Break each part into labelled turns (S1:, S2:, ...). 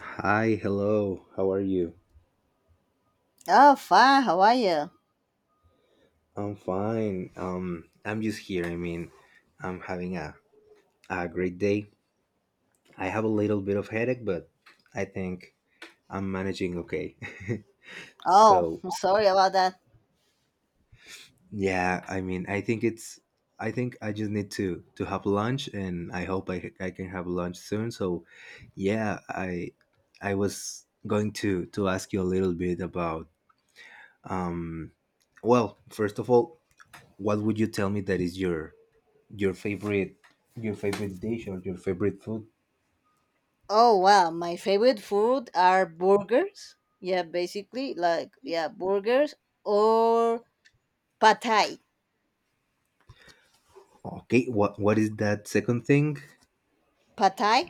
S1: Hi, hello. How are you?
S2: Oh, fine. How are you?
S1: I'm fine. I'm just here. I mean, I'm having a great day. I have a little bit of headache, but I think I'm managing okay.
S2: Oh,
S1: So,
S2: I'm sorry about that.
S1: yeah, I mean, I think I just need to have lunch, and I hope I can have lunch soon. So, yeah, I was going to ask you a little bit about, well, first of all, what would you tell me that is Your favorite, your favorite dish or your favorite food?
S2: Oh, wow. My favorite food are burgers. Yeah, basically, like, yeah, burgers or pad thai.
S1: Okay, what is that second thing?
S2: Pad thai?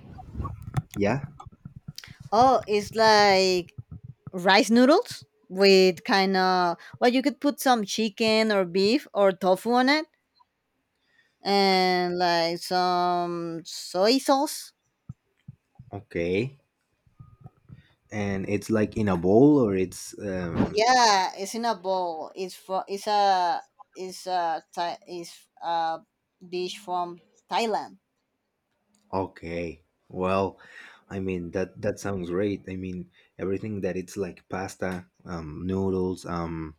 S1: Yeah.
S2: Oh, it's like rice noodles with kind of, well, you could put some chicken or beef or tofu on it and like some soy sauce.
S1: Okay. And it's like in a bowl, or it's
S2: Yeah, it's in a bowl. It's a Thai, it's a dish from Thailand.
S1: okay. Well, I mean that sounds great. I mean, everything that it's like pasta, noodles,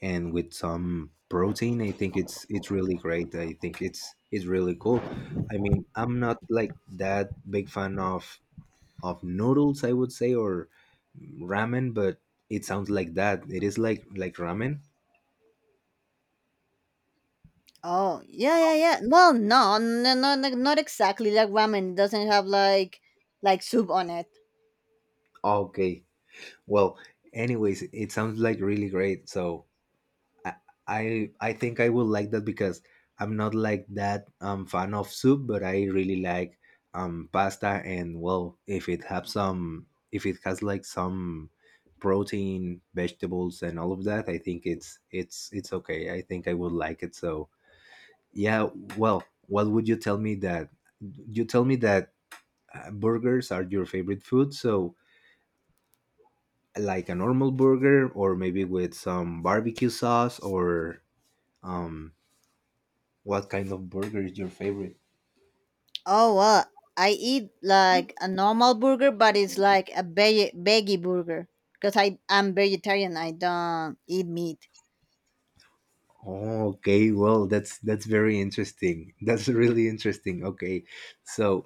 S1: and with some protein, I think it's really great. I think it's really cool. I mean, I'm not like that big fan of noodles, I would say, or ramen, but it sounds like that it is like ramen.
S2: Oh, yeah, yeah, yeah. Well, no, no, no, no, not exactly like ramen. It doesn't have like soup on it.
S1: Okay. Well, anyways, it sounds like really great. So, i I think I will like that because I'm not like that fan of soup, but I really like pasta. And well, if it has like some protein, vegetables, and all of that, I think it's okay. I think I would like it. So, yeah, well, what would you tell me that burgers are your favorite food? So, like a normal burger, or maybe with some barbecue sauce, or um, what kind of burger is your favorite?
S2: Oh, well, I eat like a normal burger, but it's like a veggie burger because I am vegetarian. I don't eat meat.
S1: Oh, okay. Well, that's very interesting. That's really interesting. Okay, so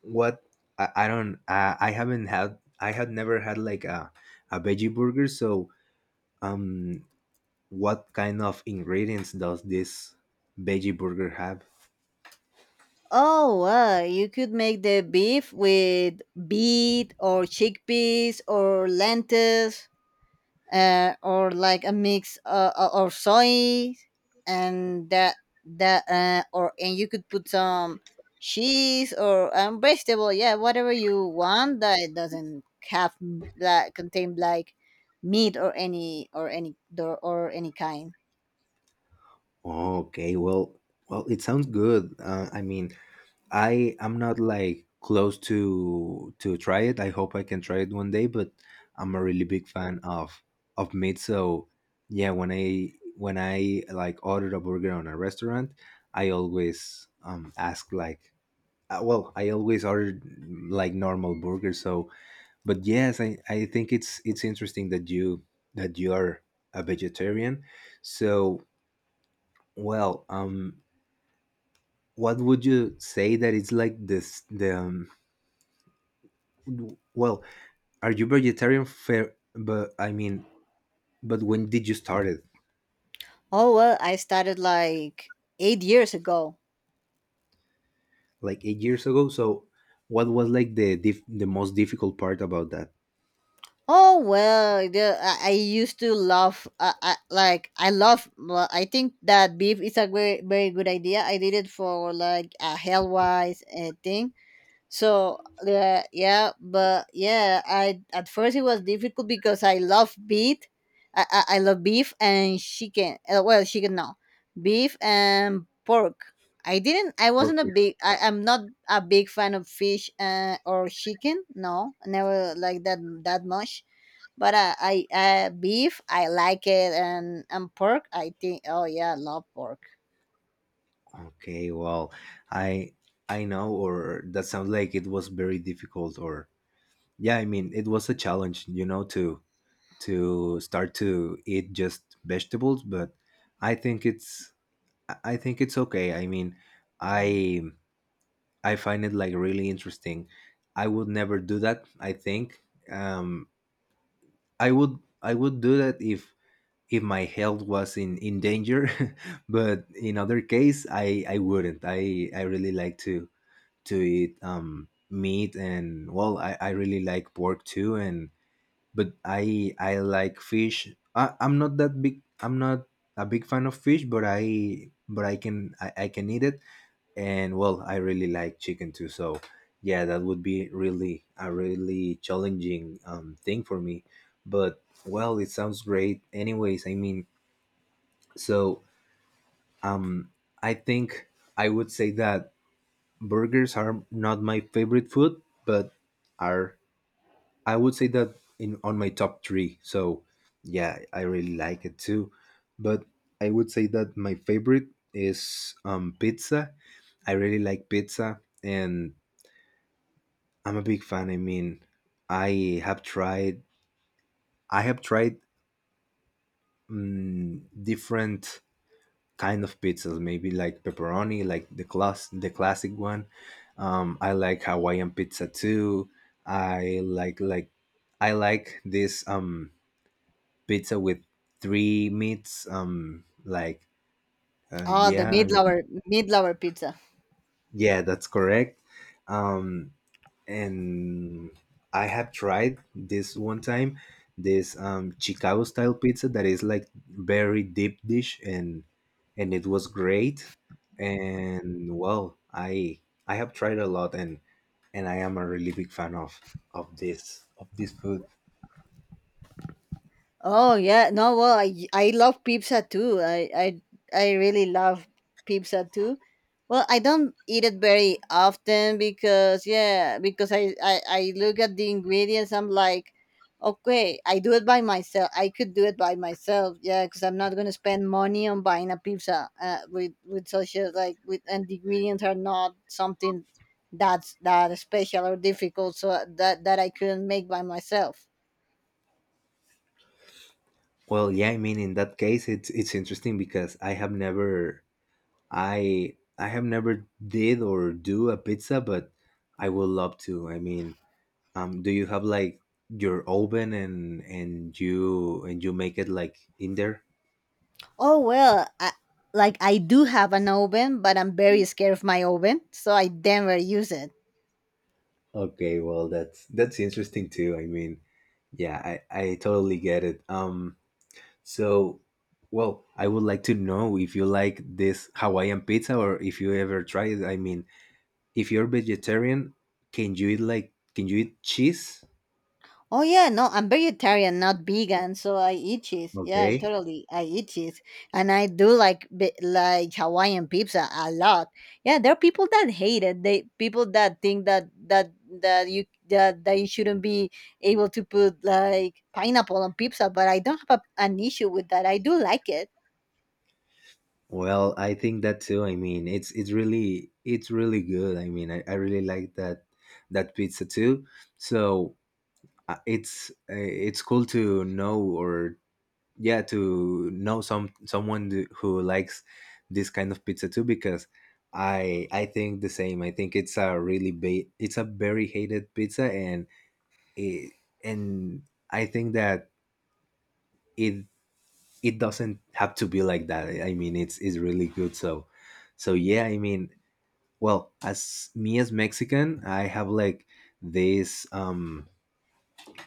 S1: what? I don't. I haven't had. I had never had like a veggie burger. So, um what kind of ingredients does this veggie burger have?
S2: Oh, wow. You could make the beef with beet or chickpeas or lentils, or like a mix, or soy and that that or and you could put some cheese or, vegetable. Yeah, whatever you want that it doesn't have that contain like meat or any kind.
S1: Okay, well, it sounds good. I mean, I am not like close to try it. I hope I can try it one day, but I'm a really big fan of meat. So, yeah, when I like order a burger on a restaurant, I always ask like, well, I always order like normal burgers. So, but yes, I think it's interesting that you are a vegetarian. So, well, what would you say that it's like this the w- well, are you vegetarian, fair? But I mean, but when did you start it?
S2: Oh well, I started like 8 years ago.
S1: Like 8 years ago. So, what was like the most difficult part about that?
S2: Oh well, I used to love, like I love, well, I think that beef is a very, very good idea. I did it for like a health wise thing. So yeah, yeah, but yeah, I at first it was difficult because I love beef, I love beef and chicken. Well, chicken no, beef and pork. I didn't. I
S1: Or
S2: wasn't a
S1: if-
S2: big. I am not a big fan of fish or chicken. No, I never like that much. But I beef I like it and pork I think, oh yeah, I love pork.
S1: Okay. Well, i I know, or that sounds like it was very difficult. Or yeah, I mean, it was a challenge, to start to eat just vegetables, but i think it's I think it's okay. I mean, i I find it like really interesting. I would never do that, I think. Um i would i would do that if my health was in danger. But in other case, I wouldn't. I really like to eat meat. And well, I really like pork too. And but I like fish. I'm not a big fan of fish, but I can I can eat it. And well, I really like chicken too. So, yeah, that would be really a really challenging, thing for me. But well, it sounds great anyways. I mean, so, um I think I would say that burgers are not my favorite food, but are I would say that in on my top three. So, yeah, I really like it too. But I would say that my favorite is, pizza. I really like pizza, and I'm a big fan. I mean, I have tried. I have tried different kind of pizzas. Maybe like pepperoni, like the classic one. I like Hawaiian pizza too. I like like I like this. Pizza with three meats.
S2: Oh, the
S1: Yeah, I
S2: meat
S1: mean,
S2: lover meat lover pizza.
S1: yeah, that's correct. Um, and I have tried this one time, this Chicago style pizza that is like very deep dish, and it was great. And well, I have tried a lot, and I am a really big fan of of this food.
S2: Oh yeah, no, well, I love pizza too. I really love pizza too. Well, I don't eat it very often because yeah, because I look at the ingredients. I'm like, okay, I do it by myself. I could do it by myself. Yeah, because I'm not gonna spend money on buying a pizza, with such a like with and the ingredients are not something that's that special or difficult. So, that I couldn't make by myself.
S1: Well, yeah, I mean, in that case, it's interesting because I have never did or do a pizza, but I would love to. I mean, do you have like your oven, and you make it like in there?
S2: Oh well, like I do have an oven, but I'm very scared of my oven, so I never use it.
S1: Okay, well, that's interesting too. I mean, yeah, I totally get it. So, well, I would like to know if you like this Hawaiian pizza, or if you ever tried it. I mean, if you're vegetarian, can you eat cheese?
S2: Oh yeah, no, I'm vegetarian, not vegan, so I eat cheese. Yeah, I
S1: Okay.
S2: totally I eat cheese, and I do like like Hawaiian pizza a lot. Yeah, there are people that hate it. They people that think that you shouldn't be able to put like pineapple on pizza, but I don't have an issue with that. I do like it.
S1: Well, I think that too. I mean, it's really good. I mean, I really like that pizza too. So, it's cool to know, or yeah, to know who likes this kind of pizza too, because I think the same. I think it's a very hated pizza, and it, and I think that it it doesn't have to be like that. I mean, it's really good. so yeah, I mean, well, as Mexican, I have like this,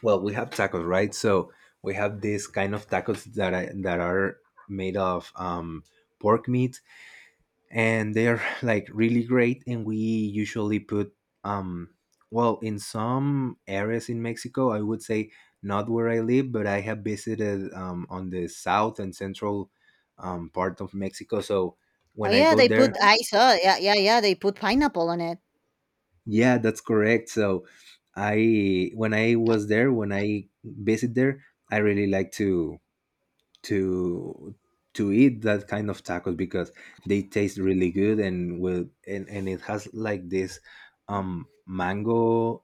S1: well, we have tacos, right? So, we have this kind of tacos that are made of pork meat, and they're like really great. And we usually put, um well, in some areas in Mexico, I would say not where I live, but I have visited, on the south and central, part of Mexico. So,
S2: Oh
S1: when I
S2: yeah,
S1: go
S2: they
S1: there,
S2: put, I saw. Yeah, yeah, yeah. They put pineapple on it.
S1: yeah, that's correct. So, I when I was there, when I visit there, I really like to to eat that kind of tacos because they taste really good. And will, and it has like this, mango,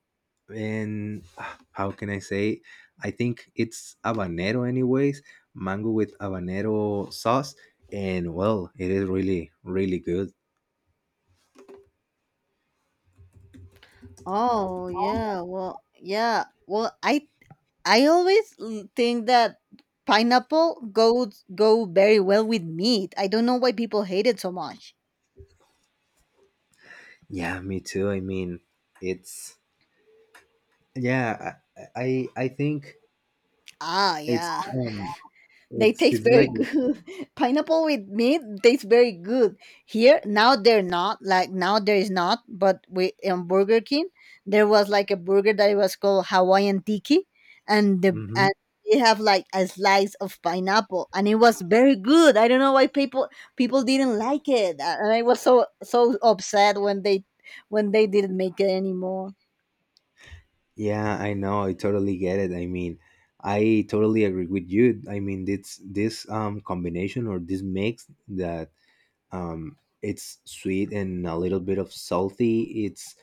S1: and how can I say, I think it's habanero. Anyways, mango with habanero sauce, and well, it is really really good.
S2: Oh yeah, well yeah, well I always think that pineapple goes go very well with meat. I don't know why people hate it so much.
S1: Yeah, me too. I mean, it's yeah, I think
S2: Ah
S1: it's
S2: yeah.
S1: um
S2: They
S1: it's
S2: taste
S1: it's like,
S2: very good. Pineapple with meat tastes very good. Here now they're not like now there is not, but we on Burger King there was like a burger that it was called Hawaiian Tiki, and the
S1: hmm
S2: and they have like a slice of pineapple, and it was very good. I don't know why people people didn't like it, and I was so so upset when they didn't make it anymore.
S1: yeah, I know. I totally get it. I mean, I totally agree with you. I mean, it's this, combination, or this mix that, it's sweet and a little bit of salty. It's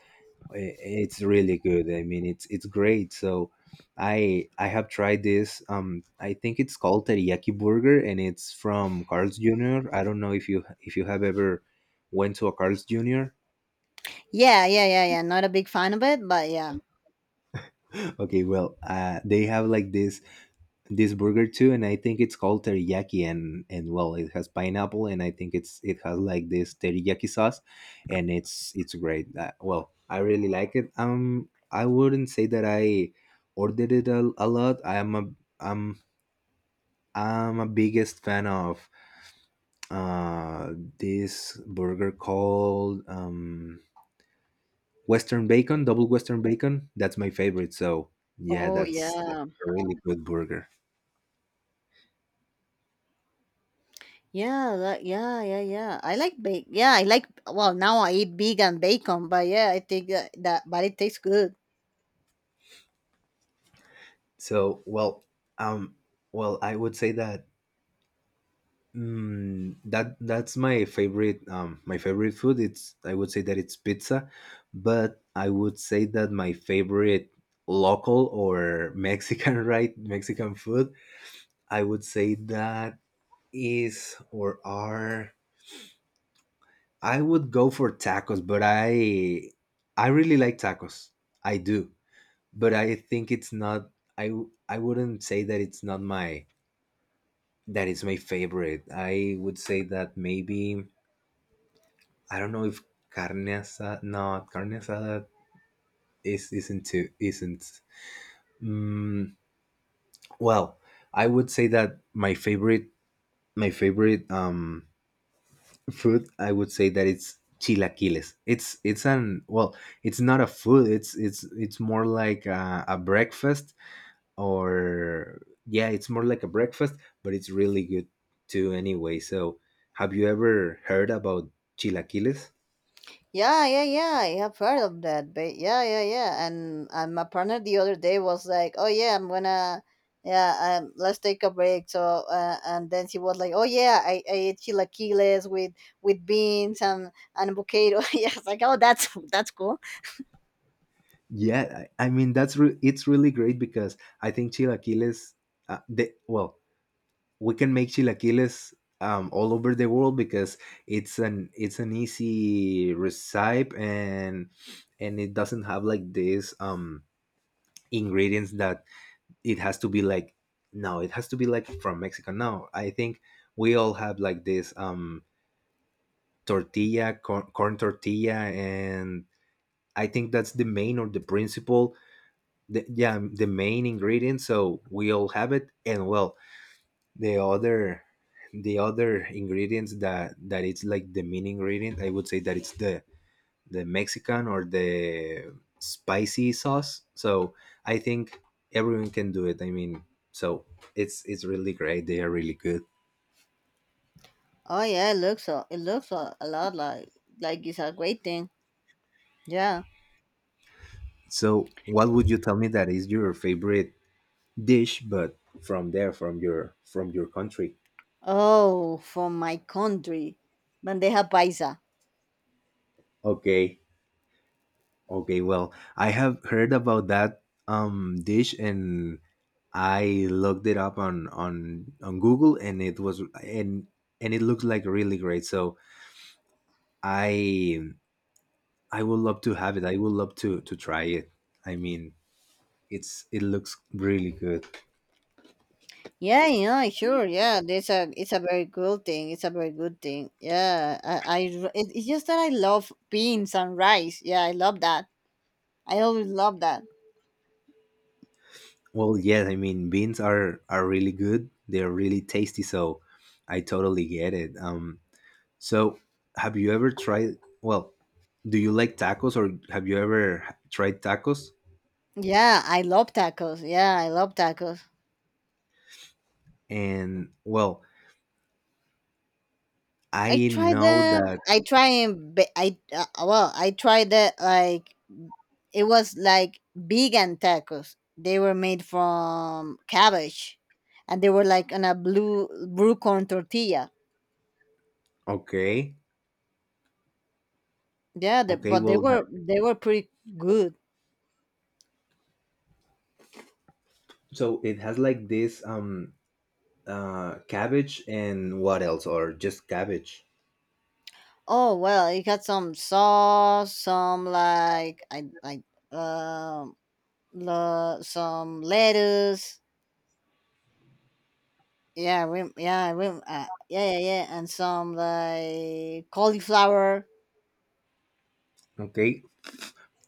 S1: I- it's really good. I mean, it's great. So, I have tried this, I think it's called teriyaki burger, and it's from Carl's Jr. I don't know if you, have ever went to a Carl's Jr.
S2: Yeah, yeah, yeah, yeah. Not a big fan of it, but yeah.
S1: Okay, well, they have like this burger too, and I think it's called teriyaki, and well, it has pineapple, and I think it's— it has like this teriyaki sauce, and it's great. Well, I really like it. I wouldn't say that I ordered it a lot. I'm I'm a biggest fan of, uh this burger called, Western Bacon, double Western Bacon. That's my favorite. So, yeah,
S2: Oh
S1: that's
S2: yeah.
S1: a really good burger.
S2: Yeah, yeah, yeah, yeah. I like bake. Yeah, I like. Well, now I eat vegan bacon, but yeah, I think that, that but it tastes good.
S1: So, well, um, well, I would say that, that's my favorite. My favorite food. It's I would say that it's pizza, but I would say that my favorite local, or Mexican, right? Mexican food. I would say that is, or are. I would go for tacos, but I really like tacos. I do. But I think it's not. I wouldn't say that it's not my... That is my favorite. I would say that maybe I don't know if carne asada. No, carne asada is isn't too isn't. Mm, well, I would say that my favorite food. I would say that it's chilaquiles. It's an, well, it's not a food. It's more like a breakfast, or yeah, it's more like a breakfast, but it's really good too anyway. So, have you ever heard about chilaquiles?
S2: Yeah, yeah, yeah. I have heard of that. But yeah, yeah, yeah. And my partner the other day was like, "Oh yeah, I'm gonna, yeah, let's take a break." So, and then she was like, "Oh yeah, I ate chilaquiles with beans and avocado." Yes, like, "Oh, that's cool."
S1: Yeah, I mean it's really great, because I think chilaquiles, well, we can make chilaquiles, all over the world, because it's an easy recipe, and it doesn't have like these, ingredients that it has to be like, no, it has to be like from Mexico. No, I think we all have like this, corn tortilla, and I think that's the main, or the principal, yeah, the main ingredient. So, we all have it. And well, the other the other ingredients that it's like the main ingredient. I would say that it's the Mexican, or the spicy sauce. So, I think everyone can do it. I mean, so, it's really great. They are really good.
S2: Oh yeah, it looks so. It looks a lot like it's a great thing. Yeah.
S1: So what would you tell me that is your favorite dish but from there from your country?
S2: Oh, from my country, bandeja paisa.
S1: Okay. Okay, well, I have heard about that dish and I looked it up on on Google and it was and it looks like really great. So I I would love to have it. I would love to try it. I mean, it's it looks really good.
S2: Yeah, yeah, sure. Yeah, it's a very good thing. It's a very good thing. Yeah, it's just that I love beans and rice. Yeah, I love that. I always love that.
S1: Well, yes, I mean, beans are really good. They're really tasty, so I totally get it. So have you ever tried? Well, do you like tacos, or have you ever tried tacos?
S2: Yeah, I love tacos. Yeah, I love tacos.
S1: And well,
S2: I
S1: I
S2: tried
S1: know
S2: them.
S1: that.
S2: I try and ba- I Well, I tried that like. It was like vegan tacos. They were made from cabbage, and they were like on a blue corn tortilla.
S1: Okay,
S2: Yeah,
S1: okay.
S2: but they
S1: Well,
S2: were they were pretty good.
S1: so it has like this cabbage and what else, or just cabbage?
S2: Oh well, it had some sauce, some like I like um some lettuce. Yeah, yeah, yeah, yeah, yeah, and some like cauliflower.
S1: Okay,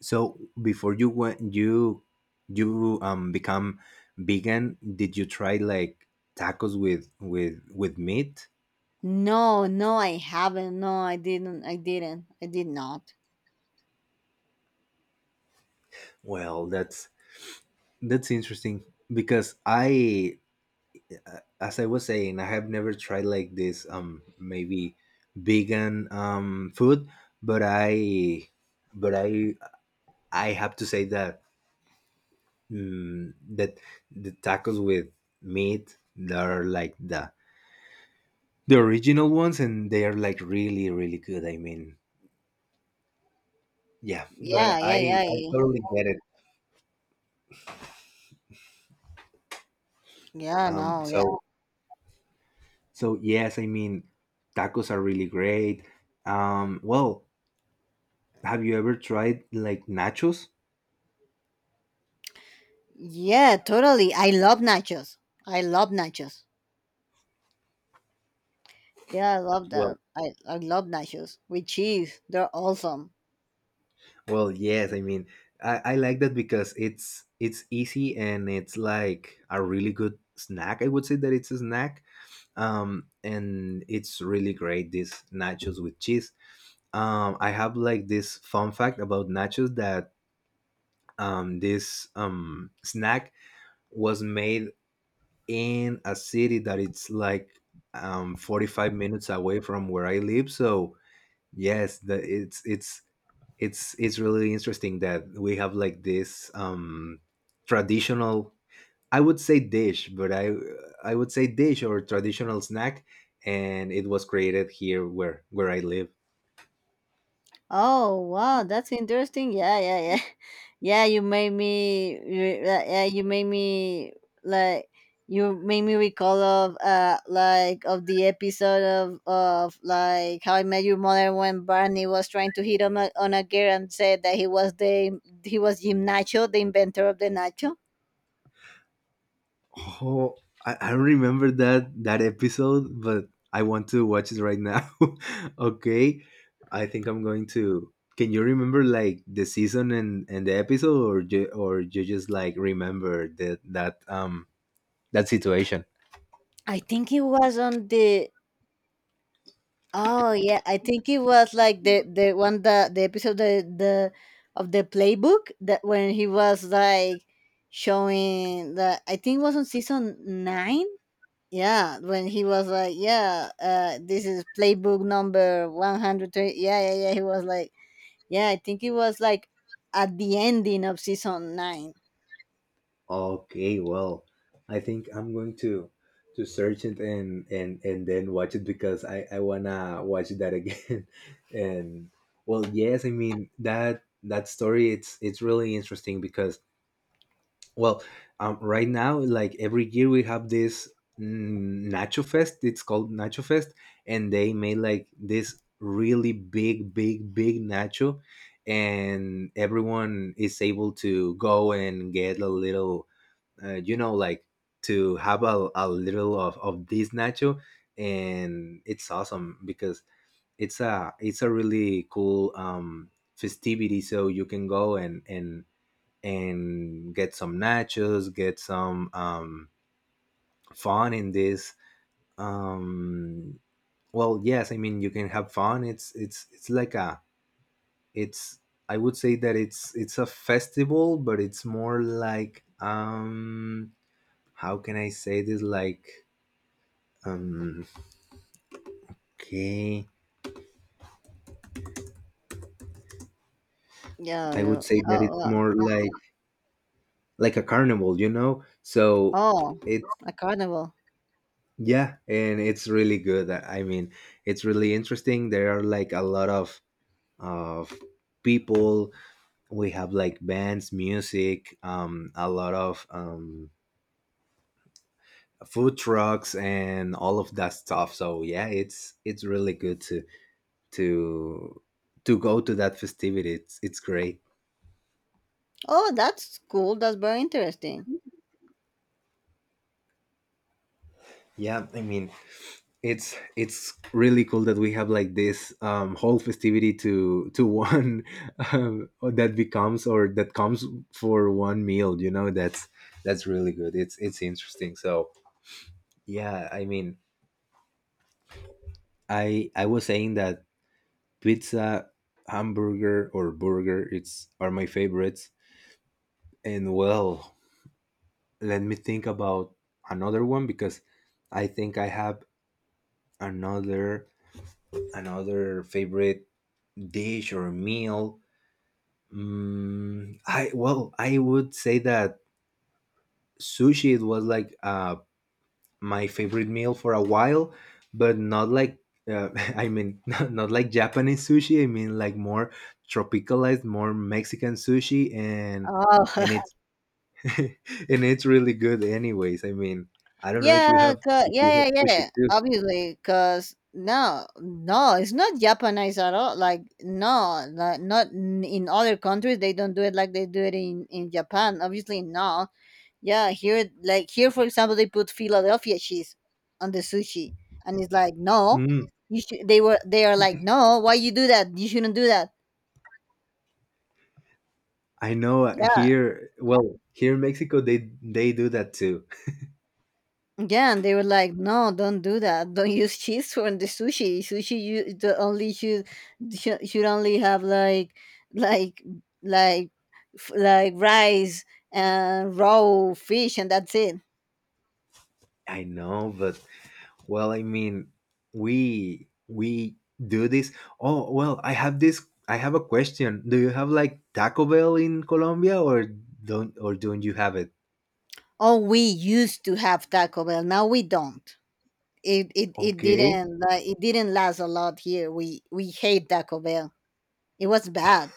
S1: so before you went you you become vegan, did you try like tacos with with meat?
S2: No, no, I haven't. No, I didn't. I didn't. I did not.
S1: Well, that's interesting because I as I was saying, I have never tried like this maybe vegan food, but I I have to say that that the tacos with meat they are like the original ones, and they are like really, really good. I mean, yeah, but
S2: Yeah, yeah,
S1: I
S2: yeah,
S1: I
S2: yeah.
S1: totally get it.
S2: Yeah,
S1: Um,
S2: no, yeah,
S1: so so yes, I mean, tacos are really great. Well, have you ever tried like nachos?
S2: yeah, totally. I love nachos. I love nachos. Yeah, I love
S1: Well,
S2: them. I love nachos with cheese. They're awesome.
S1: well, yes. I mean, I like that because it's easy and it's like a really good snack. I would say that it's a snack and it's really great. These nachos with cheese. I have like this fun fact about nachos that this snack was made in a city that it's like 45 minutes away from where I live. So yes, the, it's it's really interesting that we have like this traditional I would say dish, but I would say dish or traditional snack, and it was created here where I live.
S2: Oh wow, that's interesting. Yeah, yeah, yeah, yeah. You made me. Re- Yeah, you made me like you made me recall of the episode of like How I Met Your Mother when Barney was trying to hit on a girl and said that he was Jim Nacho, the inventor of the nacho.
S1: Oh, I don't remember that that episode, but I want to watch it right now. Okay, I think I'm going to. Can you remember like the season and the episode, or or you just like remember that that that situation?
S2: I think it was on the. Oh yeah, I think it was like the one that the episode, the of the playbook, that when he was like showing that I think it was on season nine. Yeah, when he was like, yeah, this is playbook number 120. Yeah, yeah, yeah. He was like, yeah, I think it was like at the ending of season nine.
S1: Okay, well, I think I'm going to search it and and then watch it because I wanna watch that again. And well, yes, I mean that that story it's really interesting because well, right now like every year we have this Nacho Fest. It's called Nacho Fest, and they made like this really big, big, big nacho, and everyone is able to go and get a little you know like to have a little of this nacho and it's awesome because it's a really cool festivity so you can go and and get some nachos get some fun in this um well yes, I mean you can have fun. It's it's like a it's I would say that it's a festival but it's more like how can I say this like Um, okay,
S2: Yeah,
S1: I would
S2: yeah.
S1: say that it's
S2: Oh, wow.
S1: more like a carnival, you know. So
S2: Oh,
S1: it's
S2: a carnival.
S1: yeah, and it's really good. I mean, it's really interesting. There are like a lot of people. We have like bands, music, a lot of food trucks and all of that stuff. So yeah, it's really good to to go to that festivity. It's great.
S2: Oh, that's cool. That's very interesting.
S1: Yeah, I mean, it's really cool that we have like this whole festivity to one that becomes or that comes for one meal, you know. That's really good. It's interesting. So yeah, I mean, I was saying that pizza hamburger or burger it's are my favorites and well let me think about another one because I think I have another another favorite dish or meal. I well, I would say that sushi it was like my favorite meal for a while, but not like uh, I mean not like Japanese sushi. I mean like more tropicalized, more Mexican sushi,
S2: Oh.
S1: and it's and it's really good. Anyways, I mean I don't know
S2: Yeah,
S1: if you have
S2: yeah, yeah,
S1: sushi
S2: yeah.
S1: too.
S2: Obviously, cause no, no, it's not Japanese at all. Like no, like, not in other countries they don't do it like they do it in Japan. Obviously, no. Yeah, here, like here, for example, they put Philadelphia cheese on the sushi, and it's like no,
S1: Mm,
S2: you should. They were, they are like no, why you do that? You shouldn't do that.
S1: I know
S2: Yeah.
S1: here. Well, here in Mexico they do that too.
S2: Yeah, and they were like, "No, don't do that. Don't use cheese for the sushi. Sushi, you the only should only have like like like like rice and raw fish, and that's it."
S1: I know, but well, I mean, we do this. Oh, well, I have this. I have a question. Do you have like Taco Bell in Colombia, or don't you have it?
S2: Oh, we used to have Taco Bell. Now we don't. It
S1: Okay,
S2: didn't like it didn't last a lot here. We hate Taco Bell. It was bad.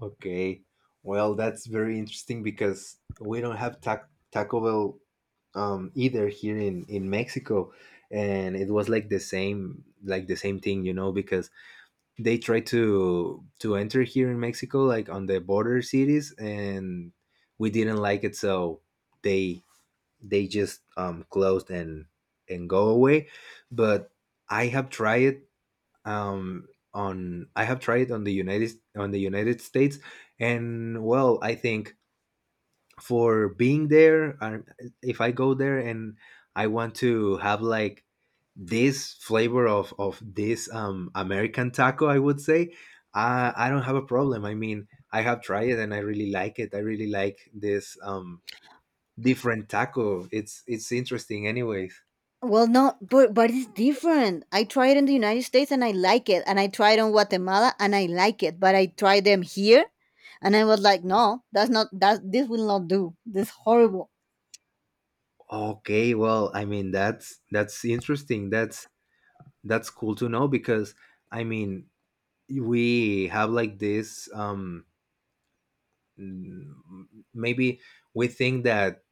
S1: okay. Well, that's very interesting because we don't have Taco Bell either here in Mexico, and it was like the same thing, you know, because they try to enter here in Mexico, like on the border cities, and we didn't like it, so they they just closed and go away. But I have tried it on I have tried it on the United States, and well, I think for being there. And if I go there and I want to have like this flavor of this American taco, I would say I don't have a problem. I mean, I have tried it and I really like it. I really like this different taco. It's interesting, anyways.
S2: Well, no, but it's different. I tried in the United States and I like it, and I tried on Guatemala and I like it, but I tried them here, and I was like, no, that's not that. This will not do. This is horrible.
S1: Okay, well, I mean that's interesting. That's cool to know because I mean we have like this Mm, maybe we think that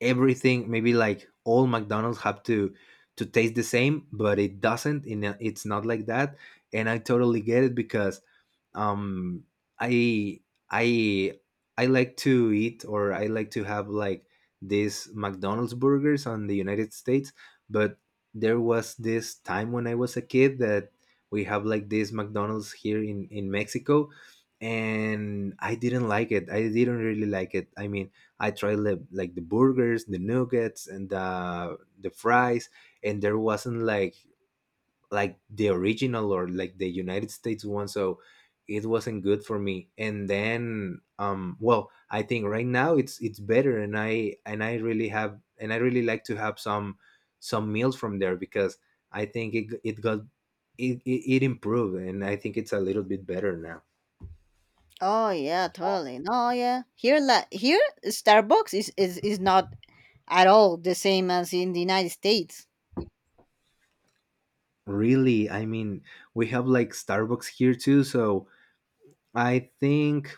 S1: everything maybe like all McDonald's have to taste the same but it doesn't in a, it's not like that and I totally get it because um i i I like to eat or I like to have like these McDonald's burgers on the United States but there was this time when I was a kid that we have like this McDonald's here in Mexico and I didn't like it. I didn't really like it. I mean, I tried like the burgers, the nuggets, and the fries, and there wasn't like the original or like the United States one, so it wasn't good for me. And then, well, I think right now it's better, and I really have and I really like to have some meals from there because I think it it got it, it, it improved, and I think it's a little bit better now.
S2: Oh yeah, totally. No, yeah. Here, like here, Starbucks is not at all the same as in the United States.
S1: Really, I mean, we have like Starbucks here too, so I think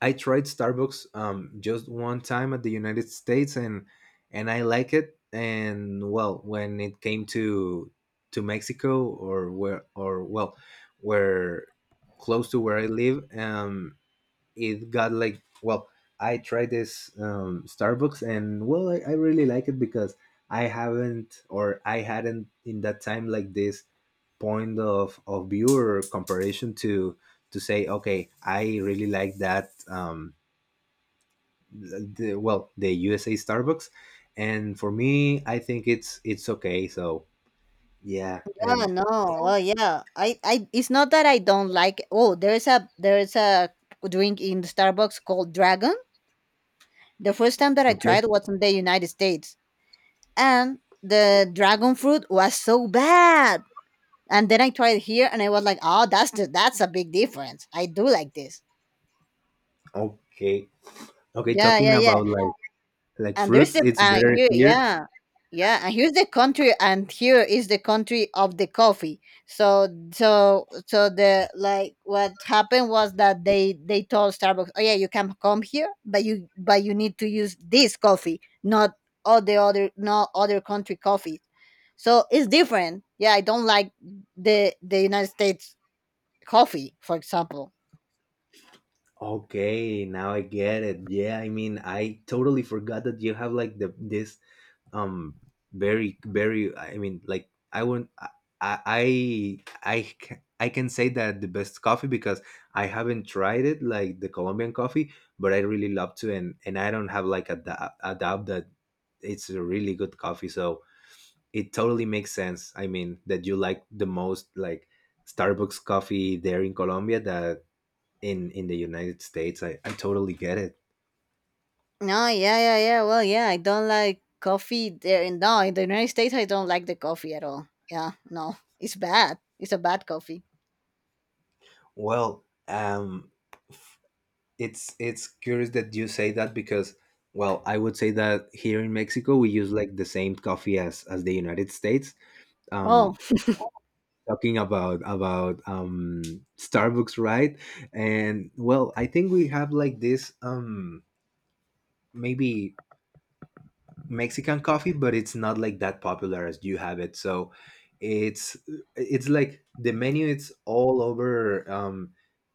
S1: I tried Starbucks just one time at the United States, and I like it. And well, when it came to Mexico or where or well, where close to where I live, it got like well I tried this Starbucks and well I really like it because I haven't or I hadn't in that time like this point of view or comparison to say okay I really like that the, well the USA Starbucks and for me I think it's okay so yeah
S2: Yeah,
S1: and
S2: no. Well, yeah. I it's not that I don't like. Oh, there is a drink in Starbucks called Dragon. The first time that I
S1: okay
S2: tried was in the United States, and the dragon fruit was so bad. And then I tried here, and I was like, "Oh, that's the, that's a big difference. I do like this."
S1: okay okay
S2: Yeah,
S1: talking
S2: yeah, yeah.
S1: about like
S2: And there's
S1: fruits
S2: the
S1: it's better
S2: here,
S1: here.
S2: yeah, yeah, and here's the country, and here is the country of the coffee. So so the, like, what happened was that they told Starbucks, oh yeah, you can come here, but you need to use this coffee, not all the other, not other country coffee. So it's different. Yeah, I don't like the United States coffee, for example.
S1: Okay, now I get it. Yeah, I mean, I totally forgot that you have like the this um very very I mean, like I won't I can say that the best coffee because I haven't tried it like the Colombian coffee, but I really love to and I don't have like a, a doubt that it's a really good coffee. So it totally makes sense. I mean, that you like the most like Starbucks coffee there in Colombia that in the United States. I totally get it.
S2: No, yeah, yeah, yeah. Well, yeah, I don't like coffee there. No, in the United States, I don't like the coffee at all. Yeah, no, it's bad. It's a bad coffee.
S1: Well, it's curious that you say that because well, I would say that here in Mexico we use like the same coffee as the United States.
S2: Oh
S1: Um, talking about Starbucks, right? And well, I think we have like this maybe Mexican coffee, but it's not like that popular as you have it. So it's it's like the menu. It's all over.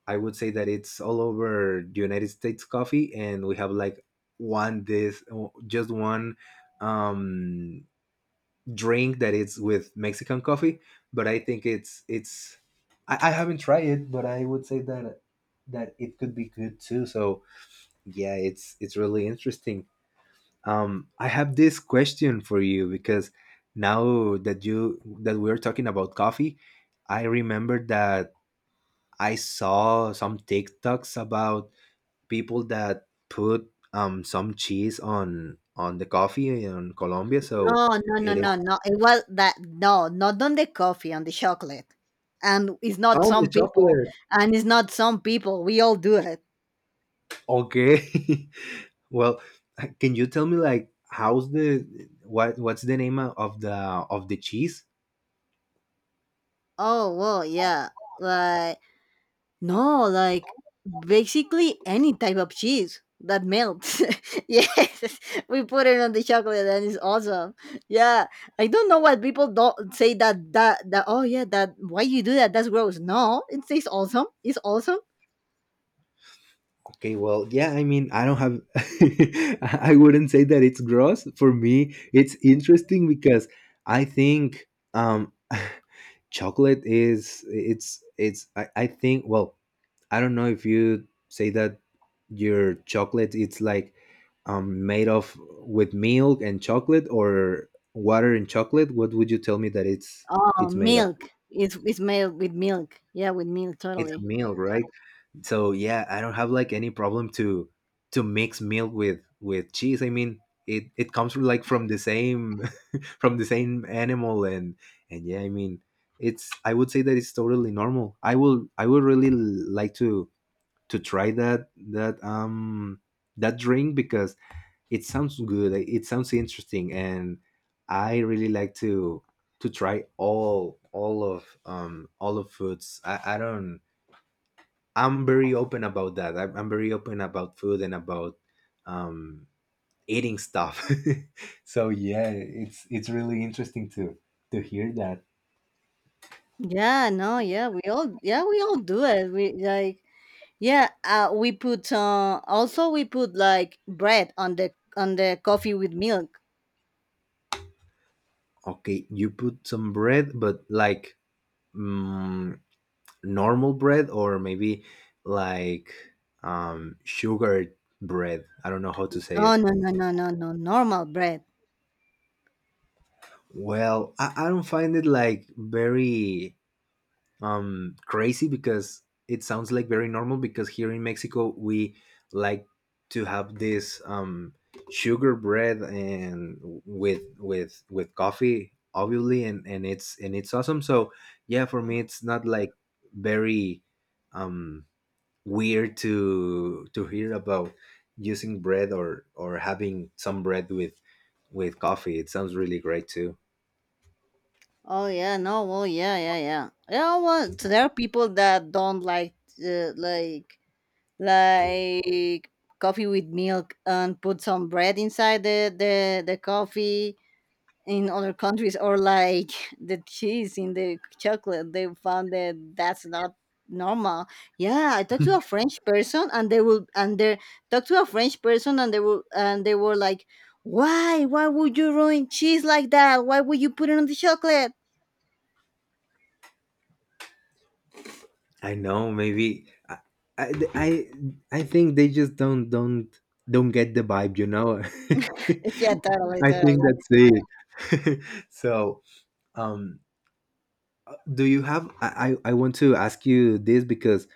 S1: I would say that it's all over the United States coffee, and we have like one this just one um, drink that is with Mexican coffee. But I think it's I haven't tried it, but I would say that that it could be good too. So yeah, it's really interesting. I have this question for you because now that you that we're talking about coffee, I remember that I saw some TikToks about people that put some cheese on the coffee in Colombia, so
S2: no, no, no,
S1: it is
S2: no, no. It was that no, not on the coffee, on the chocolate. And it's not
S1: oh the
S2: some people,
S1: chocolate.
S2: and it's not some people. We all do it.
S1: Okay, well, can you tell me like how's the what what's the name of the cheese?
S2: Oh well, yeah. Like. No, like basically any type of cheese that melts. yes, we put it on the chocolate and it's awesome. Yeah, I don't know why people don't say that. Oh yeah, that why you do that? That's gross. No, it tastes awesome. It's awesome.
S1: Okay, well, yeah, I mean, I don't have, I wouldn't say that it's gross. For me, it's interesting because I think um, chocolate is, I think, well, I don't know if you say that your chocolate, it's like made of with milk and chocolate or water and chocolate. What would you tell me that it's,
S2: Oh,
S1: it's made of?
S2: milk. It's made with milk. Yeah, with milk.
S1: It's
S2: Totally.
S1: milk, right? So yeah, I don't have like any problem to mix milk with cheese, I mean, it comes from like from the same from the same animal and yeah, I mean, it's, I would say that it's totally normal. I would really like to try that that drink because it sounds good. Like, it sounds interesting. And I really like to try all of foods. I don't I'm very open about that. I'm very open about food and about um, eating stuff. So yeah, it's really interesting to hear that.
S2: Yeah, no, yeah, we all do it. We like, yeah, we put, also we put like bread on the coffee with milk.
S1: Okay, you put some bread, but like mm, normal bread or maybe like sugar bread. I don't know how to say
S2: No,
S1: it.
S2: no, no, no, no, no. Normal bread.
S1: Well, I don't find it like very crazy because it sounds like very normal because here in Mexico we like to have this sugar bread and with coffee obviously, and it's awesome. So yeah, for me it's not like very um weird to hear about using bread or having some bread with coffee. It sounds really great too.
S2: Oh yeah, no, well yeah, yeah, yeah. Yeah, well, so there are people that don't like, like, like coffee with milk, and put some bread inside the coffee, in other countries. Or like the cheese in the chocolate, they found that that's not normal. Yeah, I talked to a french person and they will, and they talked to a french person, and they will, and they were like, why would you ruin cheese like that, why would you put it on the chocolate?
S1: I know. Maybe I, I, I, I think they just don't get the vibe. You know.
S2: yeah, totally
S1: I think
S2: totally
S1: that's it. So, um, do you have? I want to ask you this because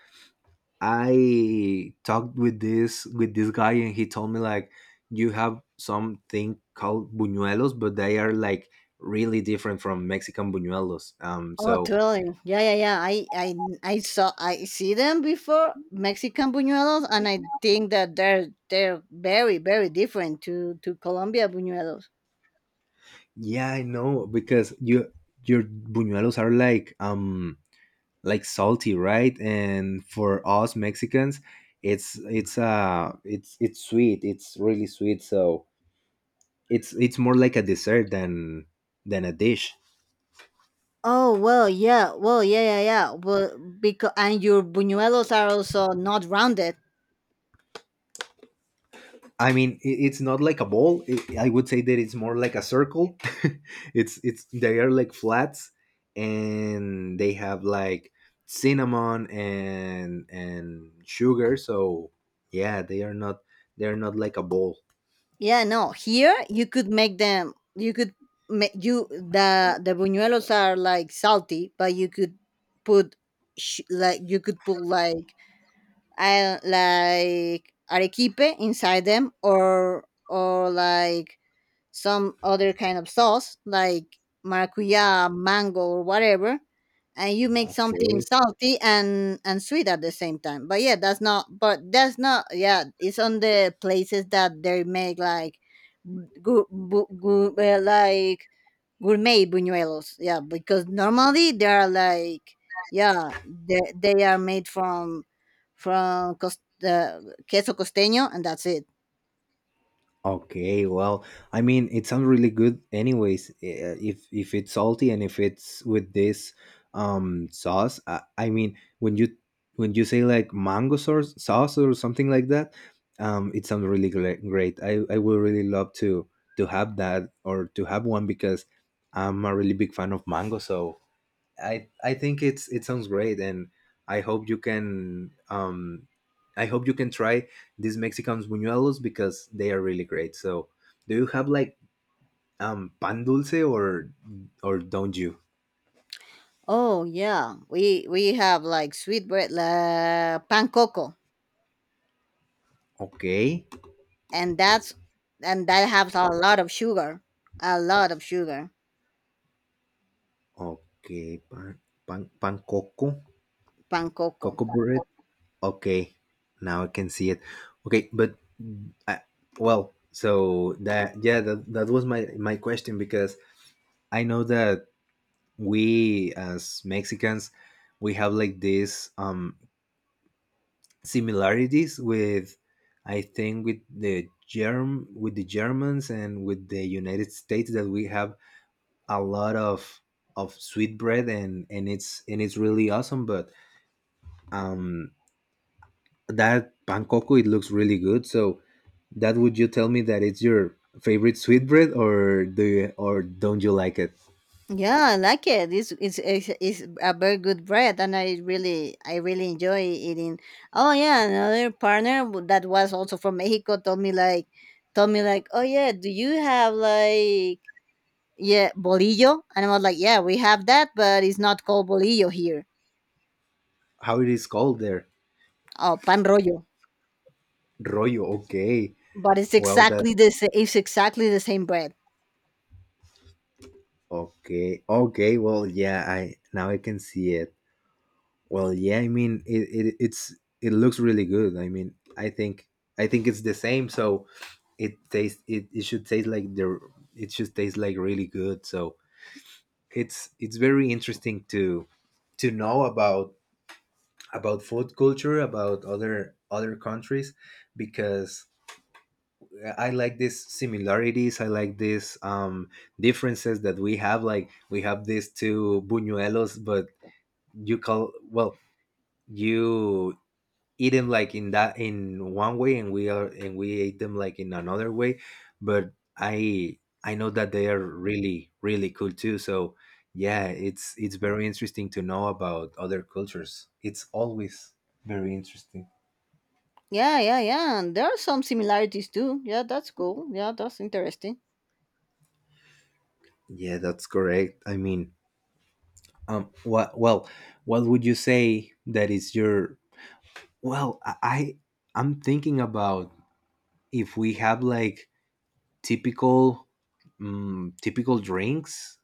S1: I talked with this guy and he told me like you have something called buñuelos, but they are like really different from Mexican buñuelos.
S2: Oh,
S1: So
S2: totally, yeah, yeah, yeah. I see them before Mexican buñuelos, and I think that they're very very different to Colombia buñuelos.
S1: yeah, I know because you your buñuelos are like salty, right? And for us Mexicans, it's sweet. It's really sweet, so it's more like a dessert than a dish.
S2: Oh well, yeah, well, yeah, yeah, yeah. Well, because and your buñuelos are also not rounded.
S1: I mean, it's not like a ball. I would say that it's more like a circle. It's They are like flats, and they have like cinnamon and sugar. So yeah, they are not, they are not like a ball.
S2: Yeah, no. Here you could make them. You could make you the buñuelos are like salty, but you could put like you could put like I like arequipe inside them, or like some other kind of sauce like maracuya, mango, or whatever, and you make something
S1: Okay.
S2: salty and sweet at the same time. But yeah, that's not. But that's not. Yeah, it's on the places that they make like like gourmet buñuelos. Yeah, because normally they are like yeah they are made from from queso costeño, and that's it.
S1: Okay, well, I mean, it sounds really good anyways. If it's salty and if it's with this sauce, I mean, when you say like mango sauce or something like that, it sounds really great. I would really love to have that or to have one because I'm a really big fan of mango, so I think it sounds great, and I hope you can I hope you can try these Mexican buñuelos because they are really great. So, do you have like pan dulce or don't you?
S2: Oh yeah, we have like sweetbread, la pan coco,
S1: Okay,
S2: and that has a lot of sugar, a lot of sugar,
S1: okay, pan coco,
S2: pan coco.
S1: coco bread. Okay, now I can see it. Okay, but I, well, so that yeah, that was my my question because I know that we as Mexicans we have like these similarities with I think with the Germ with the Germans and with the United States, that we have a lot of sweet bread and it's really awesome, but um that pancoco it looks really good. So that would you tell me that it's your favorite sweet bread or do you, or don't you like it?
S2: Yeah, I like it. It's a very good bread, and I really enjoy eating. Oh yeah, another partner that was also from Mexico told me like, oh yeah, do you have like, yeah, bolillo? And I was like, yeah, we have that, but it's not called bolillo here.
S1: How it is called there?
S2: Oh, pan rollo.
S1: Rollo, okay.
S2: But it's
S1: Well that.
S2: exactly the sa- it's exactly the same bread.
S1: Okay. Okay. Well, yeah. I now I can see it. Well, yeah. I mean, it looks really good. I mean, I think it's the same. So it should taste like the it should taste like really good. So it's very interesting to know about food culture, about other other countries, because I like these similarities. I like these differences that we have. Like we have these two buñuelos, but you call, well, you eat them like in that in one way, and we are and we ate them like in another way, but i I know that they are really really cool too. So yeah, it's very interesting to know about other cultures. It's always very interesting.
S2: Yeah, yeah, yeah. And there are some similarities too. Yeah, that's cool. Yeah, that's interesting.
S1: Yeah, that's correct. I mean, what, well, what would you say that is your, well i I- I'm thinking about if we have like typical typical drinks.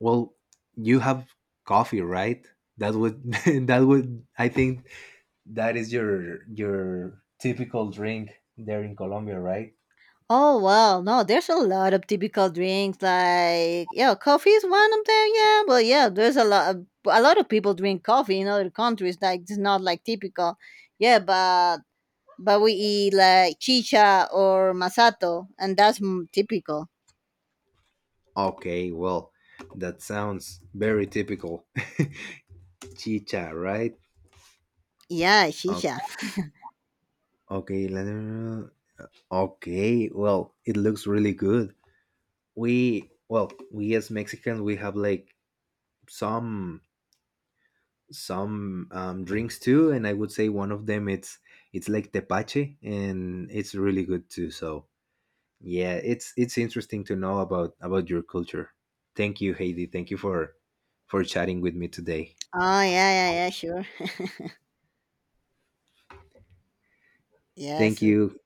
S1: Well, you have coffee, right? That would that would, I think, that is your typical drink there in Colombia, right?
S2: Oh well, no, there's a lot of typical drinks, like, yeah, coffee is one of them. Yeah, but yeah, there's a lot of people drink coffee in other countries. Like, it's not like typical. Yeah, but we eat like chicha or masato, and that's, typical.
S1: Okay, well, that sounds very typical. Chicha, right?
S2: Yeah,
S1: Okay,
S2: chicha.
S1: okay let me- okay, well, it looks really good. We, well, we as Mexicans we have like some some drinks too, and I would say one of them, it's like tepache, and it's really good too. So yeah, it's interesting to know about your culture. Thank you, Heidi. Thank you for chatting with me today.
S2: Oh yeah, yeah, yeah, sure.
S1: Thank
S2: Yes.
S1: you,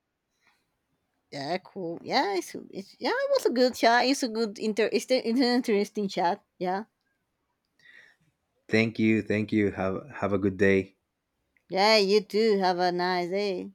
S2: Yeah, cool. Yeah, it's yeah, it was a good chat. It's a good inter. It's an interesting chat. Yeah.
S1: thank you. Have a good day.
S2: Yeah. You too. Have a nice day.